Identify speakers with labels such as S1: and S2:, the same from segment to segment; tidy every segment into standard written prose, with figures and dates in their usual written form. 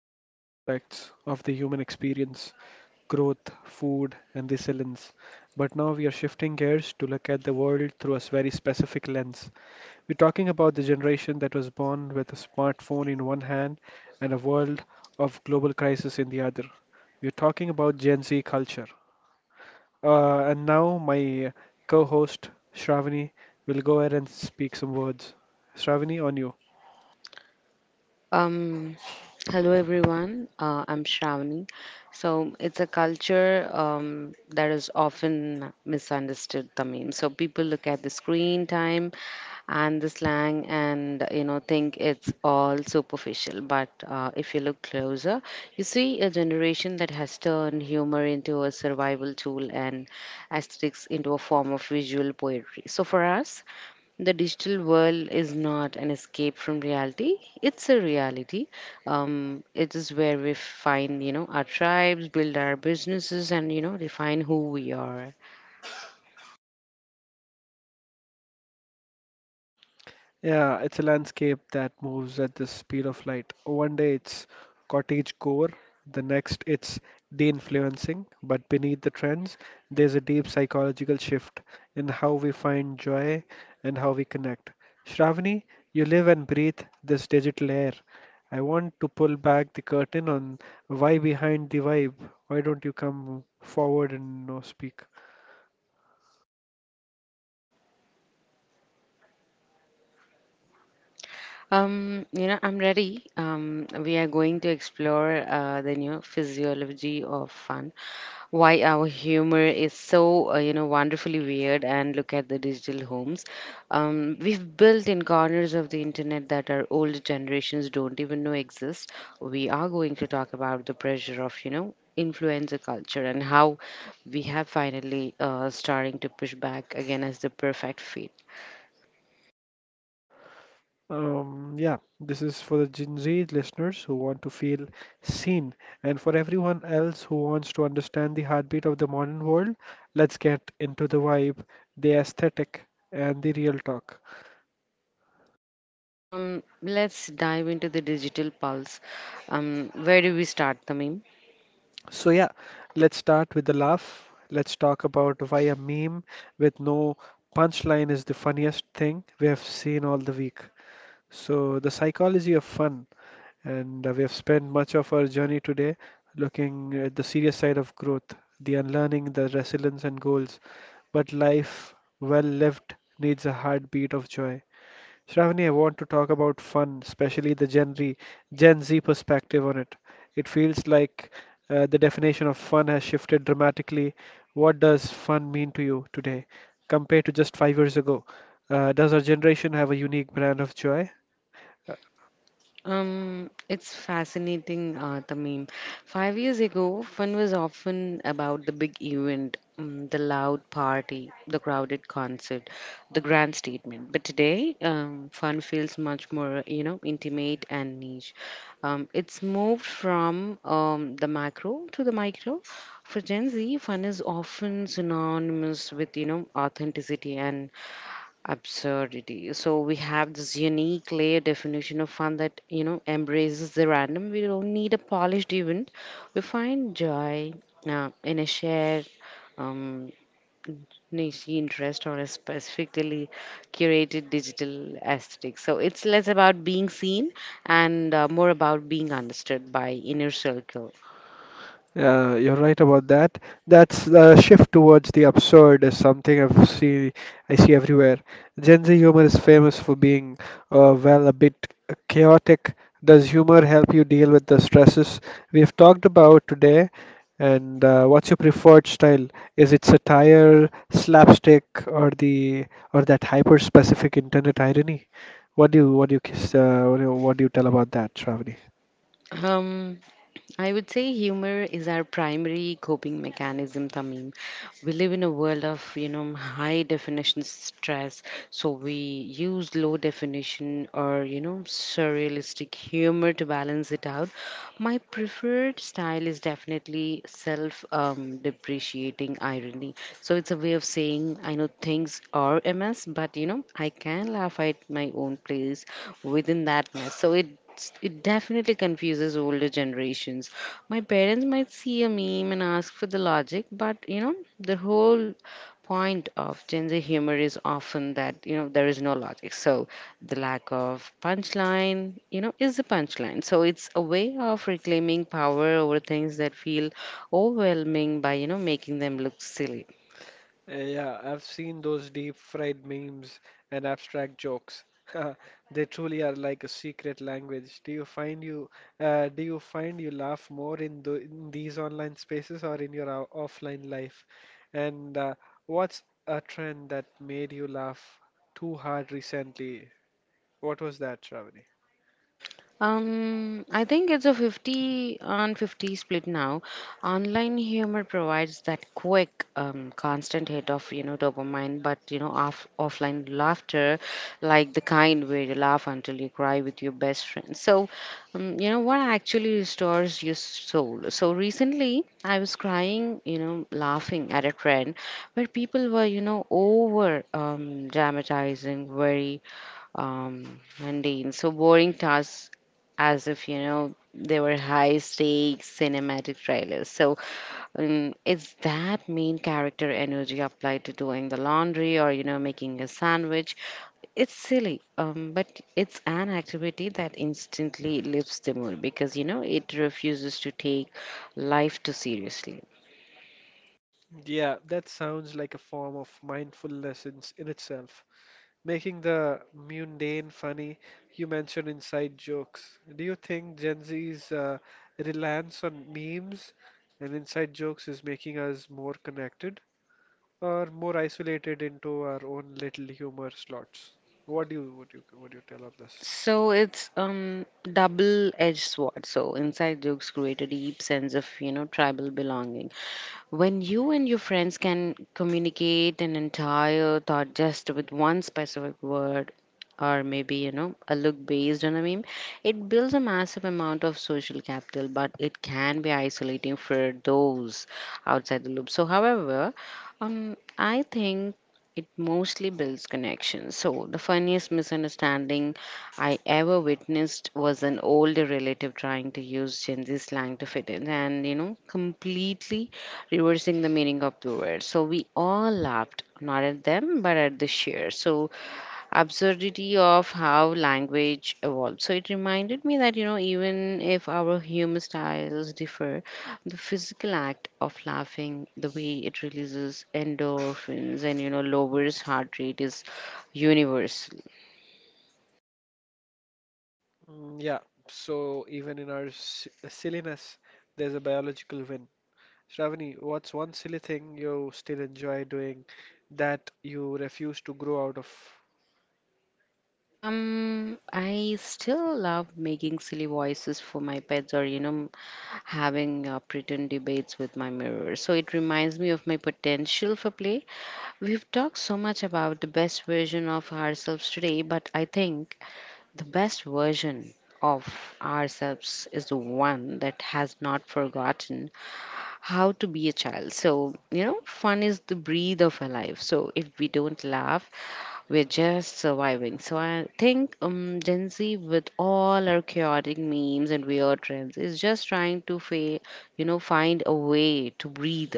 S1: timeless aspects of the human experience growth, food, and resilience. But now we are shifting gears to look at the world through a very specific lens. We're talking about the generation that was born with a smartphone in one hand and a world of global crisis in the other. We're talking about Gen Z culture, and now my co-host Shravani will go ahead and speak some words. Shravani, on you.
S2: Um, Hello everyone. I'm Shravani. So it's a culture that is often misunderstood, Tamim. So people look at the screen time and the slang, and you know think it's all superficial. But if you look closer, you see a generation that has turned humor into a survival tool and aesthetics into a form of visual poetry. So for us, the digital world is not an escape from reality. It's a reality. It is where we find, you know, our tribes, build our businesses, and, you know, define who we are.
S1: Yeah, it's a landscape that moves at the speed of light. One day it's cottage core, the next it's de-influencing, but beneath the trends, there's a deep psychological shift in how we find joy and how we connect. Shravani, you live and breathe this digital air. I want to pull back the curtain on why behind the vibe. Why don't you come forward and no speak?
S2: You know, I'm ready. We are going to explore the new physiology of fun, why our humor is so, you know, wonderfully weird, and look at the digital homes. We've built in corners of the internet that our old generations don't even know exist. We are going to talk about the pressure of, you know, influencer culture and how we have finally starting to push back again as the perfect fit.
S1: Yeah, this is for the Gen Z listeners who want to feel seen, and for everyone else who wants to understand the heartbeat of the modern world. Let's get into the vibe, the aesthetic, and the real talk.
S2: Let's dive into the digital pulse. Where do we start, Tamim?
S1: So, yeah, let's start with the laugh. Let's talk about why a meme with no punchline is the funniest thing we have seen all the week. So, the psychology of fun. And we have spent much of our journey today looking at the serious side of growth, the unlearning, the resilience, and goals. But life, well lived, needs a heartbeat of joy. Shravani, I want to talk about fun, especially the Gen Z perspective on it. It feels like the definition of fun has shifted dramatically. What does fun mean to you today compared to just 5 years ago? Does our generation have a unique brand of joy?
S2: It's fascinating, Tamim. 5 years ago, fun was often about the big event, the loud party, the crowded concert, the grand statement. But today, fun feels much more, you know, intimate and niche. It's moved from the macro to the micro. For Gen Z, fun is often synonymous with, you know, authenticity and absurdity. So we have this unique layer definition of fun that you know embraces the random. We don't need a polished event. We find joy in a shared um, niche interest or a specifically curated digital aesthetic. So it's less about being seen and more about being understood by inner circle.
S1: Yeah, you're right about that. That's the shift towards the absurd is something I see everywhere. Gen Z humor is famous for being well a bit chaotic. Does humor help you deal with the stresses we've talked about today? And what's your preferred style? Is it satire, slapstick, or the or that hyper-specific internet irony? What do you kiss, what do you tell about that, Shravani?
S2: Um, I would say humor is our primary coping mechanism, Tamim. We live in a world of, you know, high definition stress, so we use low definition or, you know, surrealistic humor to balance it out. My preferred style is definitely self depreciating irony, so it's a way of saying I know things are a mess, but you know I can laugh at my own place within that mess. So it definitely confuses older generations. My parents might see a meme and ask for the logic, but you know the whole point of Gen Z humor is often that you know there is no logic. So the lack of punchline, you know, is a punchline. So it's a way of reclaiming power over things that feel overwhelming by you know making them look silly.
S1: Yeah, I've seen those deep fried memes and abstract jokes. They truly are like a secret language. Do you find you do you find you laugh more in, the, in these online spaces or in your offline life? And what's a trend that made you laugh too hard recently? What was that, Shravani?
S2: I think it's a 50 on 50 split now. Online humor provides that quick, constant hit of, you know, dopamine, but, you know, offline laughter, like the kind where you laugh until you cry with your best friend. So, you know, what actually restores your soul? So recently, I was crying, you know, laughing at a trend where people were, you know, over dramatizing very mundane, so boring tasks as if, you know, they were high stakes cinematic trailers. So it's that main character energy applied to doing the laundry or, you know, making a sandwich. It's silly, but it's an activity that instantly lifts the mood because, you know, it refuses to take life too seriously.
S1: Yeah, that sounds like a form of mindfulness in itself. Making the mundane funny. You mentioned inside jokes. Do you think Gen Z's reliance on memes and inside jokes is making us more connected or more isolated into our own little humor slots? What do you what do you what do you tell on this?
S2: So it's double-edged sword. So inside jokes create a deep sense of you know tribal belonging. When you and your friends can communicate an entire thought just with one specific word, or maybe you know a look based on a meme, it builds a massive amount of social capital. But it can be isolating for those outside the loop. So, however, I think it mostly builds connections. So the funniest misunderstanding I ever witnessed was an older relative trying to use Gen Z slang to fit in and, you know, completely reversing the meaning of the word. So we all laughed, not at them, but at the sheer absurdity of how language evolved. So it reminded me that, you know, even if our humor styles differ, the physical act of laughing, the way it releases endorphins and, you know, lowers heart rate is universal.
S1: Mm, yeah. So even in our silliness, there's a biological win. Shravani, what's one silly thing you still enjoy doing that you refuse to grow out of?
S2: I still love making silly voices for my pets or, you know, having pretend debates with my mirror. So it reminds me of my potential for play. We've talked so much about the best version of ourselves today, but I think the best version of ourselves is the one that has not forgotten how to be a child. So, you know, fun is the breathe of our life. So, if we don't laugh, we're just surviving. So, I think Gen Z, with all our chaotic memes and weird trends, is just trying to, you know, find a way to breathe.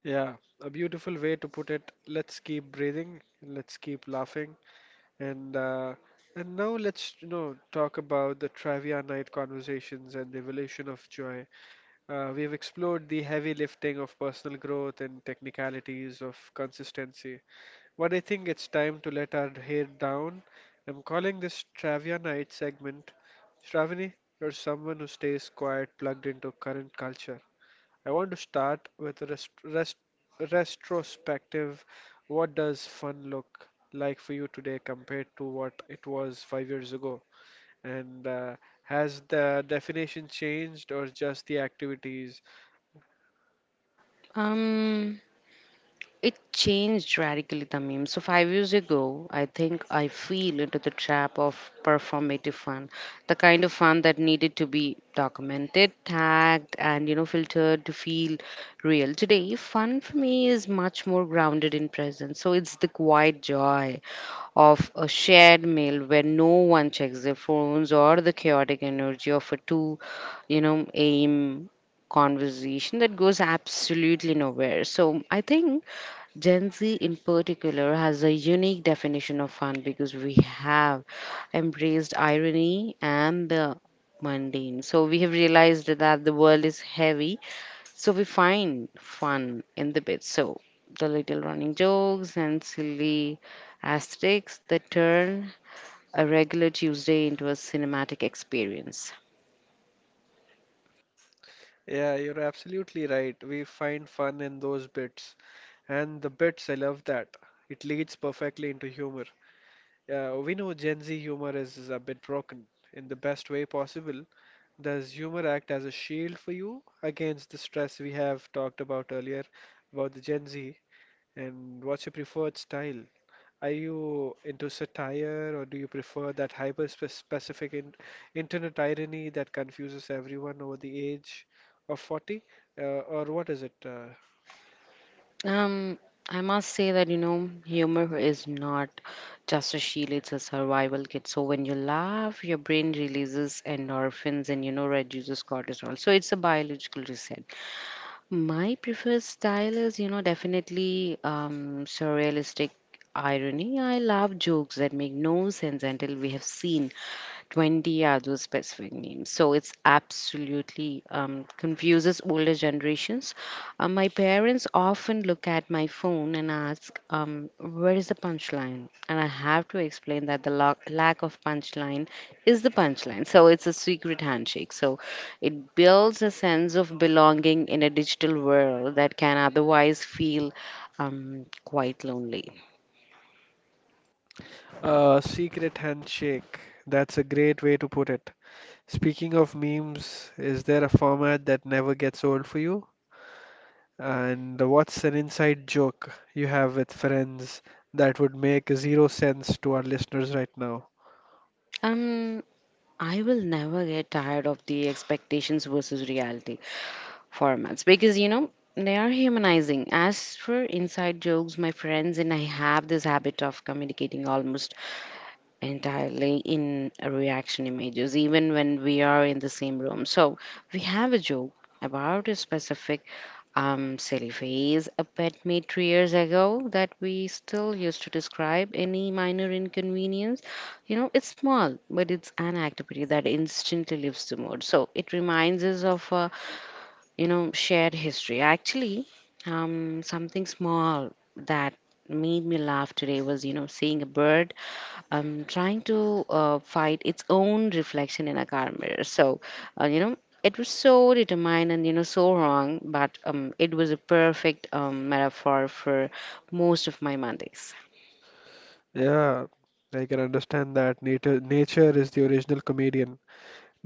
S1: Yeah, a beautiful way to put it. Let's keep breathing, let's keep laughing, and and now let's you know talk about the trivia night conversations and the evolution of joy. We have explored the heavy lifting of personal growth and technicalities of consistency. But I think it's time to let our hair down. I'm calling this Trivia Night segment. Shravani, you're someone who stays quiet, plugged into current culture. I want to start with a retrospective. What does fun look like for you today compared to what it was 5 years ago? And has the definition changed or just the activities?
S2: Um, It changed radically the meme. So 5 years ago, I think I fell into the trap of performative fun, the kind of fun that needed to be documented, tagged, and you know filtered to feel real. Today, fun for me is much more grounded in presence. So it's the quiet joy of a shared meal where no one checks their phones or the chaotic energy of a two, you know, aim conversation that goes absolutely nowhere. So I think Gen Z in particular has a unique definition of fun because we have embraced irony and the mundane. So we have realized that the world is heavy, so we find fun in the bits. So the little running jokes and silly aesthetics that turn a regular Tuesday into a cinematic experience.
S1: Yeah, you're absolutely right. We find fun in those bits. And the bits, I love that. It leads perfectly into humor. We know Gen Z humor is a bit broken in the best way possible. Does humor act as a shield for you against the stress we have talked about earlier about the Gen Z? And what's your preferred style? Are you into satire or do you prefer that specific in internet irony that confuses everyone over the age of 40? Or what is it?
S2: Um, I must say that you know, humor is not just a shield, it's a survival kit. So when you laugh, your brain releases endorphins and you know reduces cortisol. So it's a biological reset. My preferred style is, you know, definitely surrealistic irony. I love jokes that make no sense until we have seen 20 are those specific names. So it's absolutely confuses older generations. My parents often look at my phone and ask, where is the punchline? And I have to explain that the lack of punchline is the punchline. So it's a secret handshake. So it builds a sense of belonging in a digital world that can otherwise feel quite lonely.
S1: Secret handshake. That's a great way to put it. Speaking of memes, is there a format that never gets old for you? And what's an inside joke you have with friends that would make zero sense to our listeners right now?
S2: Um, I will never get tired of the expectations versus reality formats because you know they are humanizing. As for inside jokes, my friends and I have this habit of communicating almost entirely in reaction images, even when we are in the same room. So we have a joke about a specific silly phase a pet made 3 years ago that we still used to describe any minor inconvenience. You know, it's small, but it's an activity that instantly lifts the mood. So it reminds us of a you know shared history. Actually, something small that made me laugh today was you know seeing a bird trying to fight its own reflection in a car mirror. So you know it was so determined and you know so wrong, but it was a perfect metaphor for most of my Mondays.
S1: Yeah, I can understand that nature, nature is the original comedian.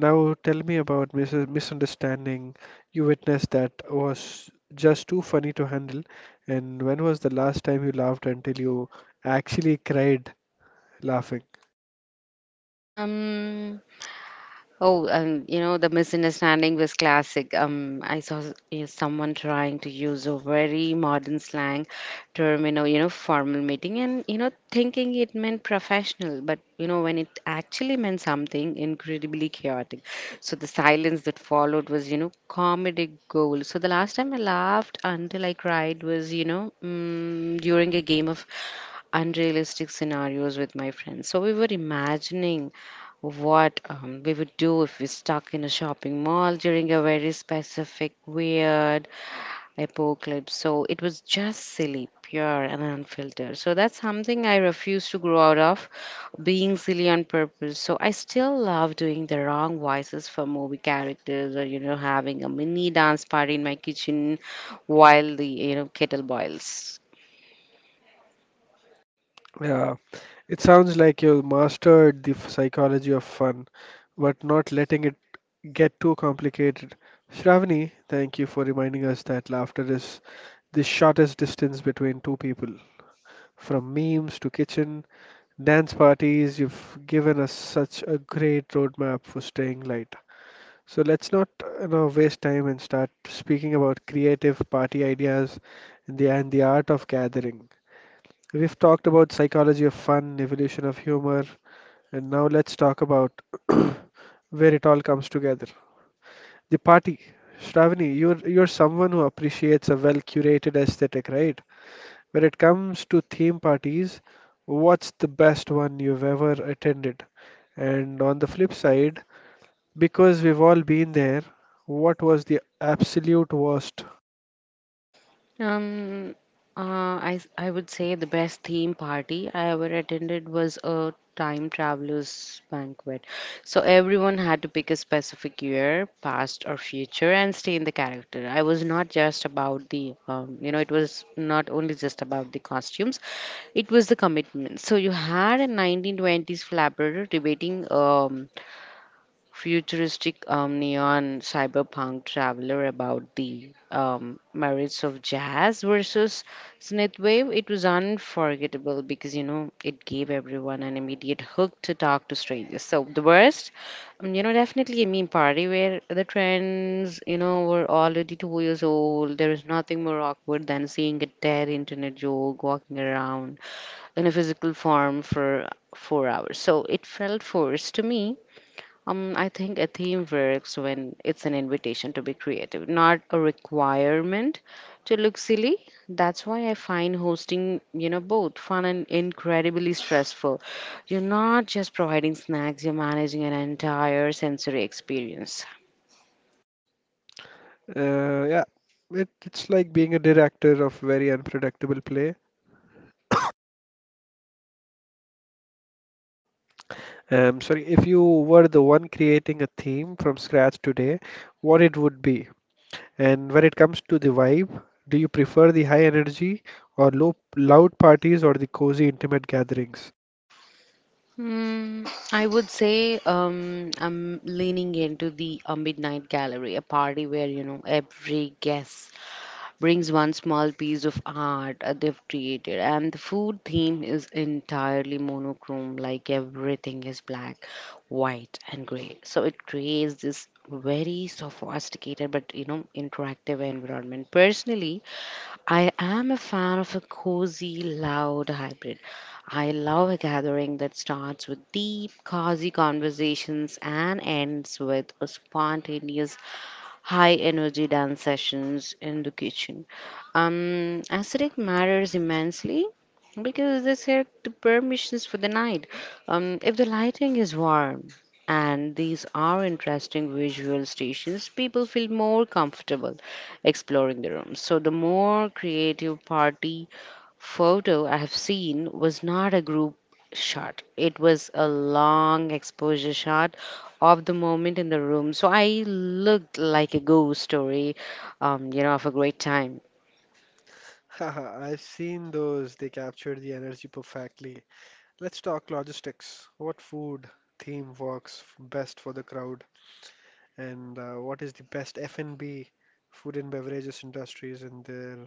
S1: Now tell me about misunderstanding you witnessed that was just too funny to handle, and when was the last time you laughed until you actually cried laughing?
S2: um Oh, you know, the misunderstanding was classic. I saw someone trying to use a very modern slang term in a, you know, formal meeting and, you know, thinking it meant professional, but, you know, when it actually meant something incredibly chaotic. So the silence that followed was, you know, comedic gold. So the last time I laughed until I cried was, you know, during a game of unrealistic scenarios with my friends. So we were imagining what we would do if we're stuck in a shopping mall during a very specific, weird apocalypse. So it was just silly, pure, and unfiltered. So that's something I refuse to grow out of, being silly on purpose. So I still love doing the wrong voices for movie characters or, you know, having a mini dance party in my kitchen while the, you know, kettle boils.
S1: Yeah, it sounds like you mastered the psychology of fun, but not letting it get too complicated. Shravani, thank you for reminding us that laughter is the shortest distance between two people. From memes to kitchen, dance parties, you've given us such a great roadmap for staying light. So let's not, you know, waste time and start speaking about creative party ideas and the art of gathering. We've talked about psychology of fun, evolution of humor, and now let's talk about where it all comes together. The party. Shravani, you're someone who appreciates a well-curated aesthetic, right? When it comes to theme parties, what's the best one you've ever attended? And on the flip side, because we've all been there, what was the absolute worst?
S2: Um, I would say the best theme party I ever attended was a time travelers banquet. So everyone had to pick a specific year, past or future, and stay in the character. I was not just about the, you know, it was not only just about the costumes, it was the commitment. So you had a 1920s flapper debating futuristic neon cyberpunk traveler about the merits of jazz versus synthwave. It was unforgettable because you know it gave everyone an immediate hook to talk to strangers. So the worst, you know, definitely a meme party where the trends, you know, were already 2 years old. There is nothing more awkward than seeing a dead internet joke walking around in a physical form for 4 hours. So it felt forced to me. I think a theme works when it's an invitation to be creative, not a requirement to look silly. That's why I find hosting, you know, both fun and incredibly stressful. You're not just providing snacks, you're managing an entire sensory experience.
S1: Yeah, it's like being a director of very unpredictable play. Sorry, if you were the one creating a theme from scratch today, what it would be? And when it comes to the vibe, do you prefer the high energy or low loud parties or the cozy intimate gatherings?
S2: Hmm, I would say I'm leaning into the Midnight Gallery, a party where, you know, every guest brings one small piece of art they've created, and the food theme is entirely monochrome, like everything is black, white, and gray. So it creates this very sophisticated but you know interactive environment. Personally, I am a fan of a cozy, loud hybrid. I love a gathering that starts with deep, cozy conversations and ends with a spontaneous high energy dance sessions in the kitchen. Aesthetic matters immensely because they set the permissions for the night. If the lighting is warm and these are interesting visual stations, people feel more comfortable exploring the room. So the more creative party photo I have seen was not a group shot. It was a long exposure shot of the moment in the room. So I looked like a ghost story, you know, of a great time.
S1: Haha, I've seen those. They capture the energy perfectly. Let's talk logistics. What food theme works best for the crowd? And what is the best F&B food and beverages industries in there?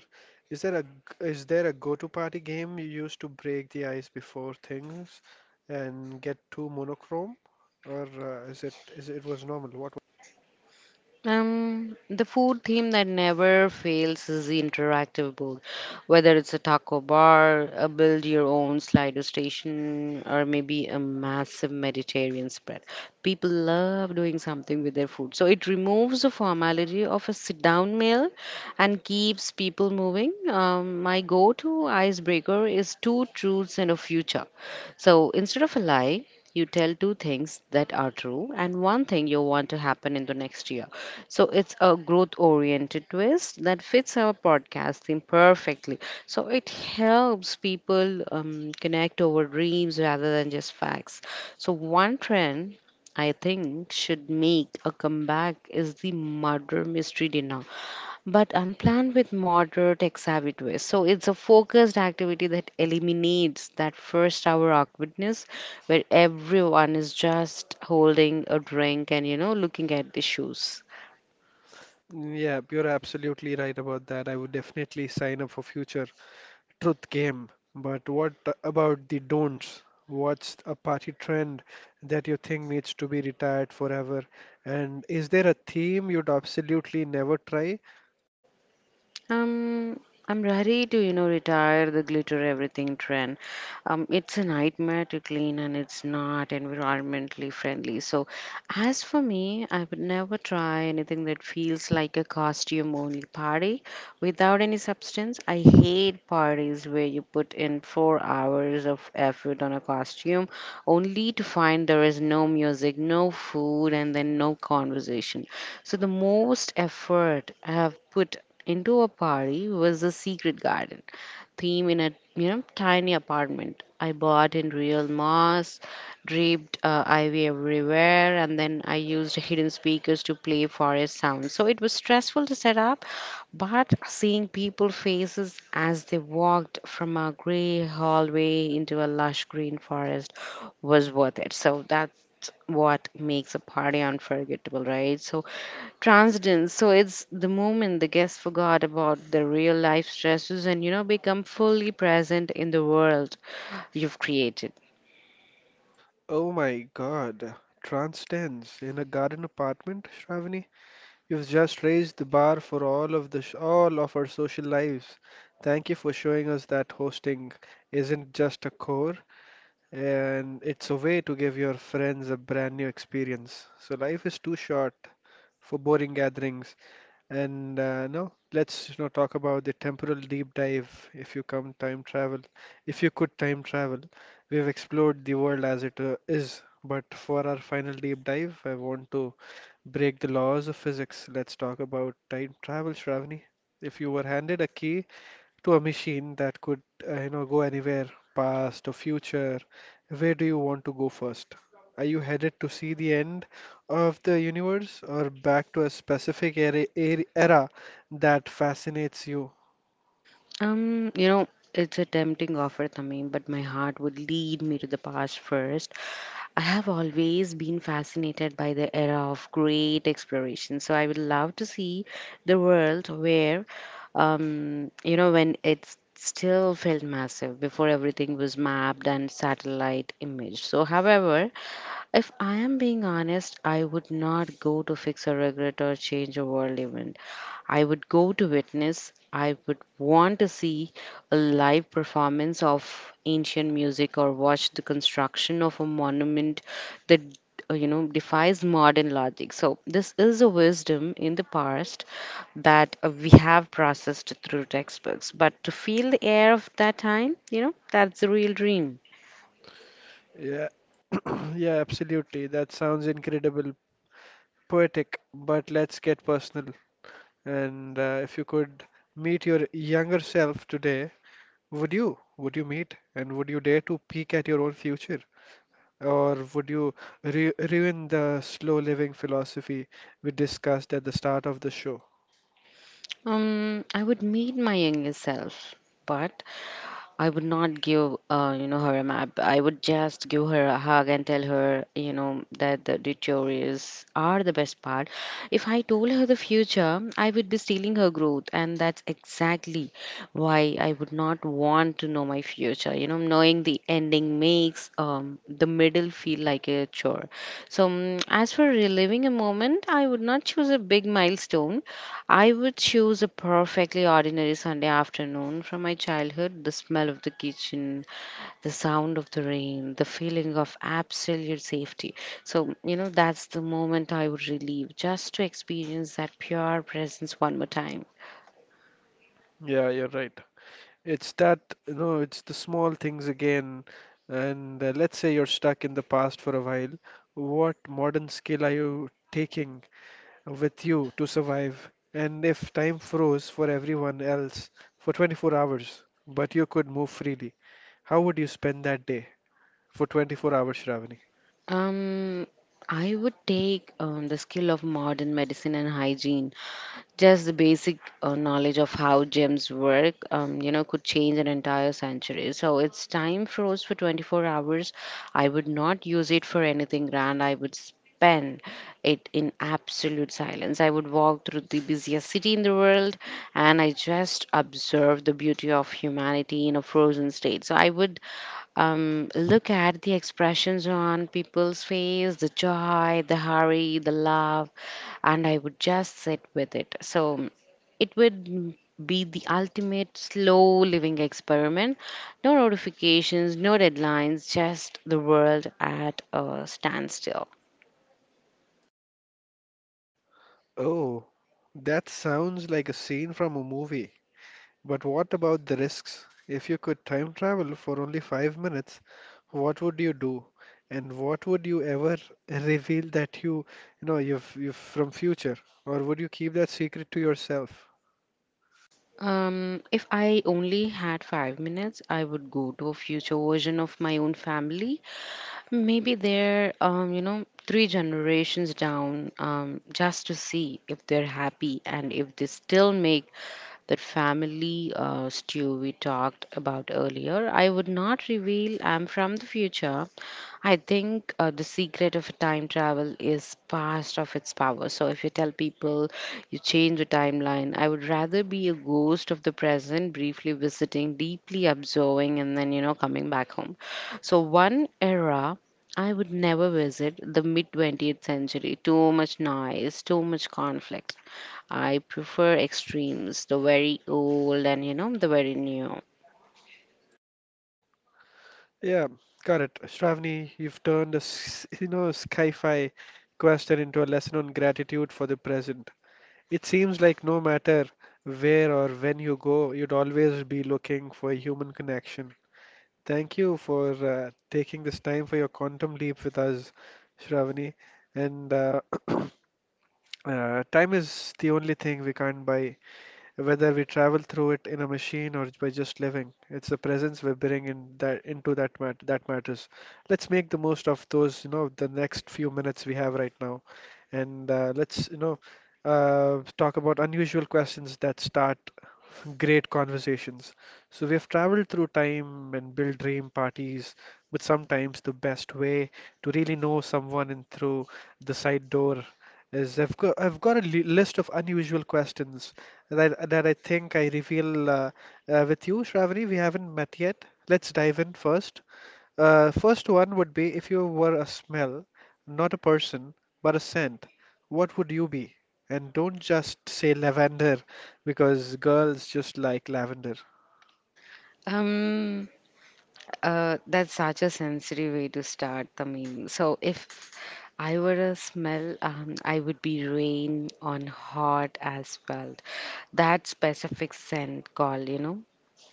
S1: Is there a g- is there a go-to party game you use to break the ice before things and get too monochrome, or is it was normal? What?
S2: The food theme that never fails is the interactive board, whether it's a taco bar, a build your own slider station, or maybe a massive Mediterranean spread. People love doing something with their food, so it removes the formality of a sit down meal and keeps people moving. My go to icebreaker is two truths and a future. So instead of a lie, you tell two things that are true and one thing you want to happen in the next year. So it's a growth oriented twist that fits our podcast theme perfectly. So it helps people connect over dreams rather than just facts. So, one trend I think should make a comeback is the murder mystery dinner, but unplanned with moderate ex twist. So it's a focused activity that eliminates that first hour awkwardness where everyone is just holding a drink and you know looking at the shoes.
S1: Yeah, you're absolutely right about that. I would definitely sign up for future. Truth came, but what about the don'ts? What's a party trend that you think needs to be retired forever? And is there a theme you'd absolutely never try?
S2: Um, I'm ready to, you know, retire the glitter everything trend. It's a nightmare to clean and it's not environmentally friendly. So, as for me, I would never try anything that feels like a costume only party without any substance. I hate parties where you put in 4 hours of effort on a costume only to find there is no music, no food, and then no conversation. So the most effort I have put into a party was a secret garden theme in a you know tiny apartment I bought in real moss draped ivy everywhere, and then I used hidden speakers to play forest sounds. So it was stressful to set up, but seeing people faces as they walked from a gray hallway into a lush green forest was worth it. So that's what makes a party unforgettable, right? So transcendence. So it's the moment the guests forgot about their real life stresses and you know become fully present in the world you've created.
S1: Oh my God, trance dance in a garden apartment, Shravani? You've just raised the bar for all of our social lives. Thank you for showing us that hosting isn't just a chore, and it's a way to give your friends a brand new experience. So life is too short for boring gatherings. And no, let's not talk about the temporal deep dive. If you come time travel, If you could time travel, we've explored the world as it is. But for our final deep dive, I want to break the laws of physics. Let's talk about time travel, Shravani. If you were handed a key to a machine that could, you know, go anywhere, past or future, where do you want to go first? Are you headed to see the end of the universe or back to a specific era that fascinates you?
S2: You know, it's a tempting offer, Tamim, but my heart would lead me to the past first. I have always been fascinated by the era of great exploration, so I would love to see the world where, you know, when it still felt massive before everything was mapped and satellite imaged. So, however, if I am being honest, I would not go to fix a regret or change a world event. I would go to witness. I would want to see a live performance of ancient music or watch the construction of a monument that you know defies modern logic. So this is a wisdom in the past that we have processed through textbooks, but to feel the air of that time, you know, that's the real dream.
S1: Yeah, yeah, absolutely. That sounds incredible, poetic, but let's get personal. And if you could meet your younger self today, would you? Would you meet? And would you dare to peek at your own future? Or would you ru ruin the slow living philosophy we discussed at the start of the show?
S2: I would meet my younger self, but I would not give, you know, her a map. I would just give her a hug and tell her, you know, that the detours are the best part. If I told her the future, I would be stealing her growth, and that's exactly why I would not want to know my future. You know, knowing the ending makes the middle feel like a chore. So, as for reliving a moment, I would not choose a big milestone. I would choose a perfectly ordinary Sunday afternoon from my childhood. The smell of the kitchen, the sound of the rain, the feeling of absolute safety. So, you know, that's the moment I would relive just to experience that pure presence one more time.
S1: Yeah, you're right. It's that, you know, it's the small things again. And let's say you're stuck in the past for a while. What modern skill are you taking with you to survive? And if time froze for everyone else for 24 hours, but you could move freely, how would you spend that day for 24 hours, Shravani?
S2: Um, I would take the skill of modern medicine and hygiene. Just the basic knowledge of how gyms work, you know, could change an entire century. So it's time froze for 24 hours. I would not use it for anything grand. I would spend it in absolute silence. I would walk through the busiest city in the world, and I just observe the beauty of humanity in a frozen state. So I would look at the expressions on people's face, the joy, the hurry, the love, and I would just sit with it. So it would be the ultimate slow living experiment. No notifications, no deadlines, just the world at a standstill.
S1: Oh, that sounds like a scene from a movie. But what about the risks? If you could time travel for only 5 minutes, what would you do? And what would you ever reveal that you've from future? Or would you keep that secret to yourself?
S2: If I only had 5 minutes, I would go to a future version of my own family. Maybe they're, you know, three generations down, just to see if they're happy and if they still make that family stew we talked about earlier. I would not reveal I'm from the future. I think the secret of time travel is past of its power. So if you tell people you change the timeline, I would rather be a ghost of the present, briefly visiting, deeply observing, and then, you know, coming back home. So one era I would never visit, the mid 20th century. Too much noise, too much conflict. I prefer extremes, the very old and you know, the very new.
S1: Yeah, got it. Shravani, you've turned you know, sci-fi question into a lesson on gratitude for the present. It seems like no matter where or when you go, you'd always be looking for human connection. Thank you for taking this time for your quantum leap with us, Shravani. And time is the only thing we can't buy. Whether we travel through it in a machine or by just living, it's the presence we bring in that into that mat that matters. Let's make the most of those, you know, the next few minutes we have right now, and talk about unusual questions that start great conversations. So we've traveled through time and built dream parties, but sometimes the best way to really know someone in through the side door is I've got a li list of unusual questions that I think I reveal with you, Shravani. We haven't met yet. Let's dive in first. First one would be if you were a smell, not a person, but a scent, what would you be? And don't just say lavender because girls just like lavender.
S2: Um, that's such a sensory way to start the meme. So if I were a smell, I would be rain on hot asphalt. That specific scent called, you know,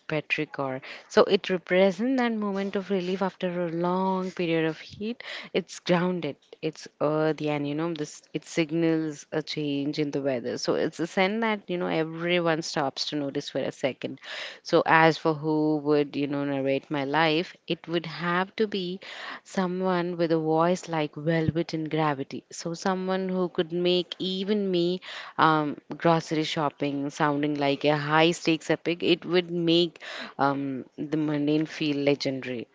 S2: petrichor. So it represents that moment of relief after a long period of heat. It's grounded, it's earthy, and you know, this it signals a change in the weather. So it's a sign that you know everyone stops to notice for a second. So as for who would you know narrate my life, it would have to be someone with a voice like velvet and gravity. So someone who could make even me grocery shopping sounding like a high stakes epic, it would make the mundane feel legendary.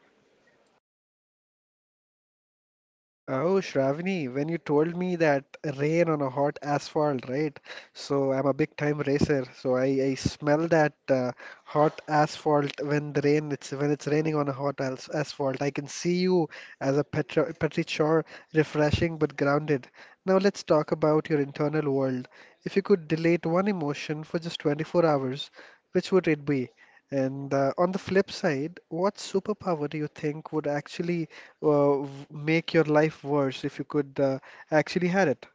S1: Oh, Shravani, when you told me that rain on a hot asphalt, right? So I'm a big time racer, so I smell that hot asphalt when the rain it's when it's raining on a hot as asphalt. I can see you as a petro petri chore, refreshing but grounded. Now let's talk about your internal world. If you could delete one emotion for just 24 hours, which would it be? And on the flip side, what superpower do you think would actually make your life worse if you could actually had it.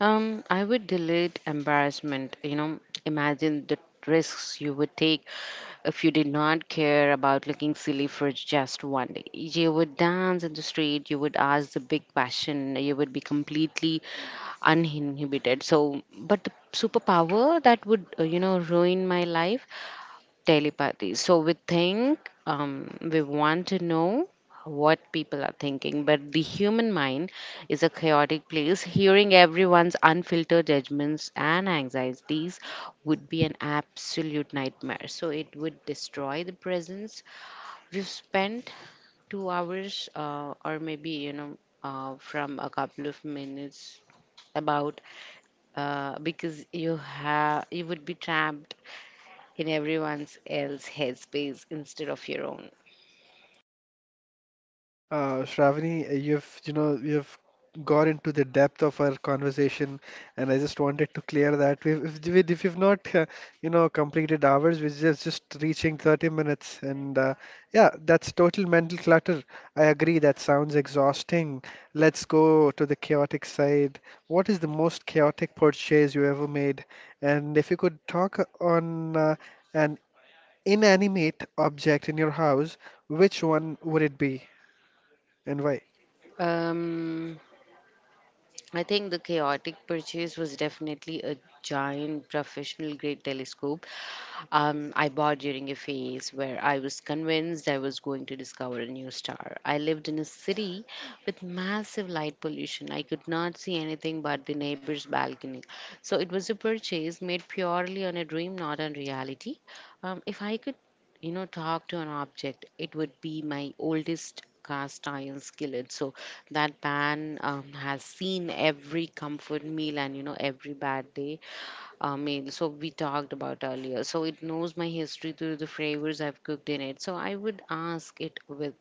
S2: I would delete embarrassment. You know, imagine the risks you would take if you did not care about looking silly for just one day. You would dance in the street, you would ask the big question, you would be completely uninhibited. So, but the superpower that would, you know, ruin my life, telepathy. So we think, we want to know what people are thinking, but the human mind is a chaotic place. Hearing everyone's unfiltered judgments and anxieties would be an absolute nightmare. So it would destroy the presence. We've spent 2 hours, or maybe, you know, from a couple of minutes about because you have you would be trapped in everyone else's headspace instead of your own.
S1: Shravani, you've you know you've gone into the depth of our conversation, and I just wanted to clear that we've, if we've not you know completed hours, we're just reaching 30 minutes, and yeah, that's total mental clutter. I agree that sounds exhausting. Let's go to the chaotic side. What is the most chaotic purchase you ever made? And if you could talk on an inanimate object in your house, which one would it be and why?
S2: Um, I think the chaotic purchase was definitely a giant professional grade telescope I bought during a phase where I was convinced I was going to discover a new star. I lived in a city with massive light pollution. I could not see anything but the neighbor's balcony. So it was a purchase made purely on a dream, not on reality. If I could, you know, talk to an object, it would be my oldest cast iron skillet. So that man has seen every comfort meal and, you know, every bad day meal. So we talked about earlier. So it knows my history through the flavors I've cooked in it. So I would ask it with,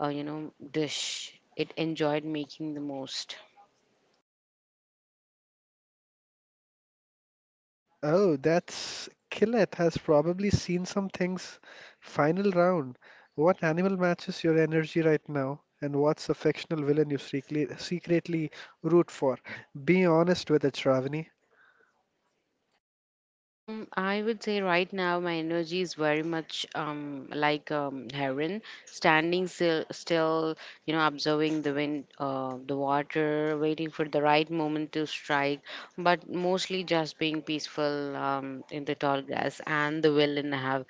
S2: you know, dish it enjoyed making the most.
S1: Oh, that's Killeth has probably seen some things. Final round. What animal matches your energy right now? And what's a fictional villain you secretly root for? Be honest with it, Shravani.
S2: I would say right now my energy is very much like heron, standing still, you know, observing the wind, the water, waiting for the right moment to strike, but mostly just being peaceful in the tall grass. And the villain have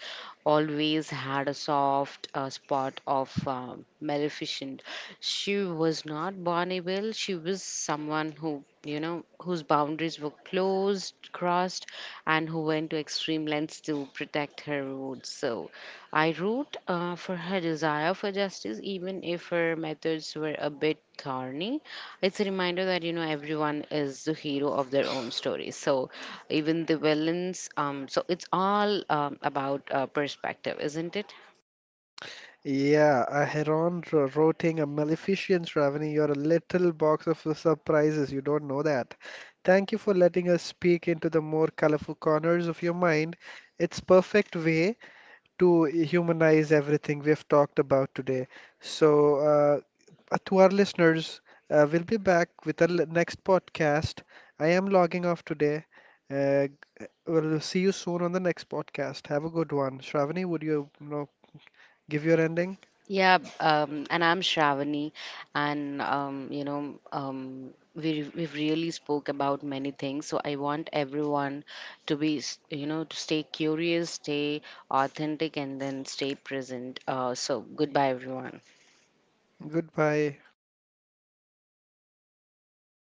S2: always had a soft spot of maleficent. She was not born evil. She was someone who, you know, whose boundaries were closed, crossed, and who went to extreme lengths to protect her roots. So I wrote for her desire for justice, even if her methods were a bit thorny. It's a reminder that you know everyone is the hero of their own story. So even the villains, so it's all about perspective, isn't it?
S1: Yeah, a heron rotting, a maleficent ravening. You're a little box of surprises. You don't know that. Thank you for letting us peek into the more colorful corners of your mind. It's perfect way to humanize everything we've talked about today. So, to our listeners, we'll be back with the next podcast. I am logging off today. Uh, we'll see you soon on the next podcast. Have a good one. Shravani, would you, you know, give your ending?
S2: And I'm Shravani, and you know, we've really spoke about many things. So I want everyone to be, you know, to stay curious, stay authentic, and then stay present. So goodbye, everyone.
S1: Goodbye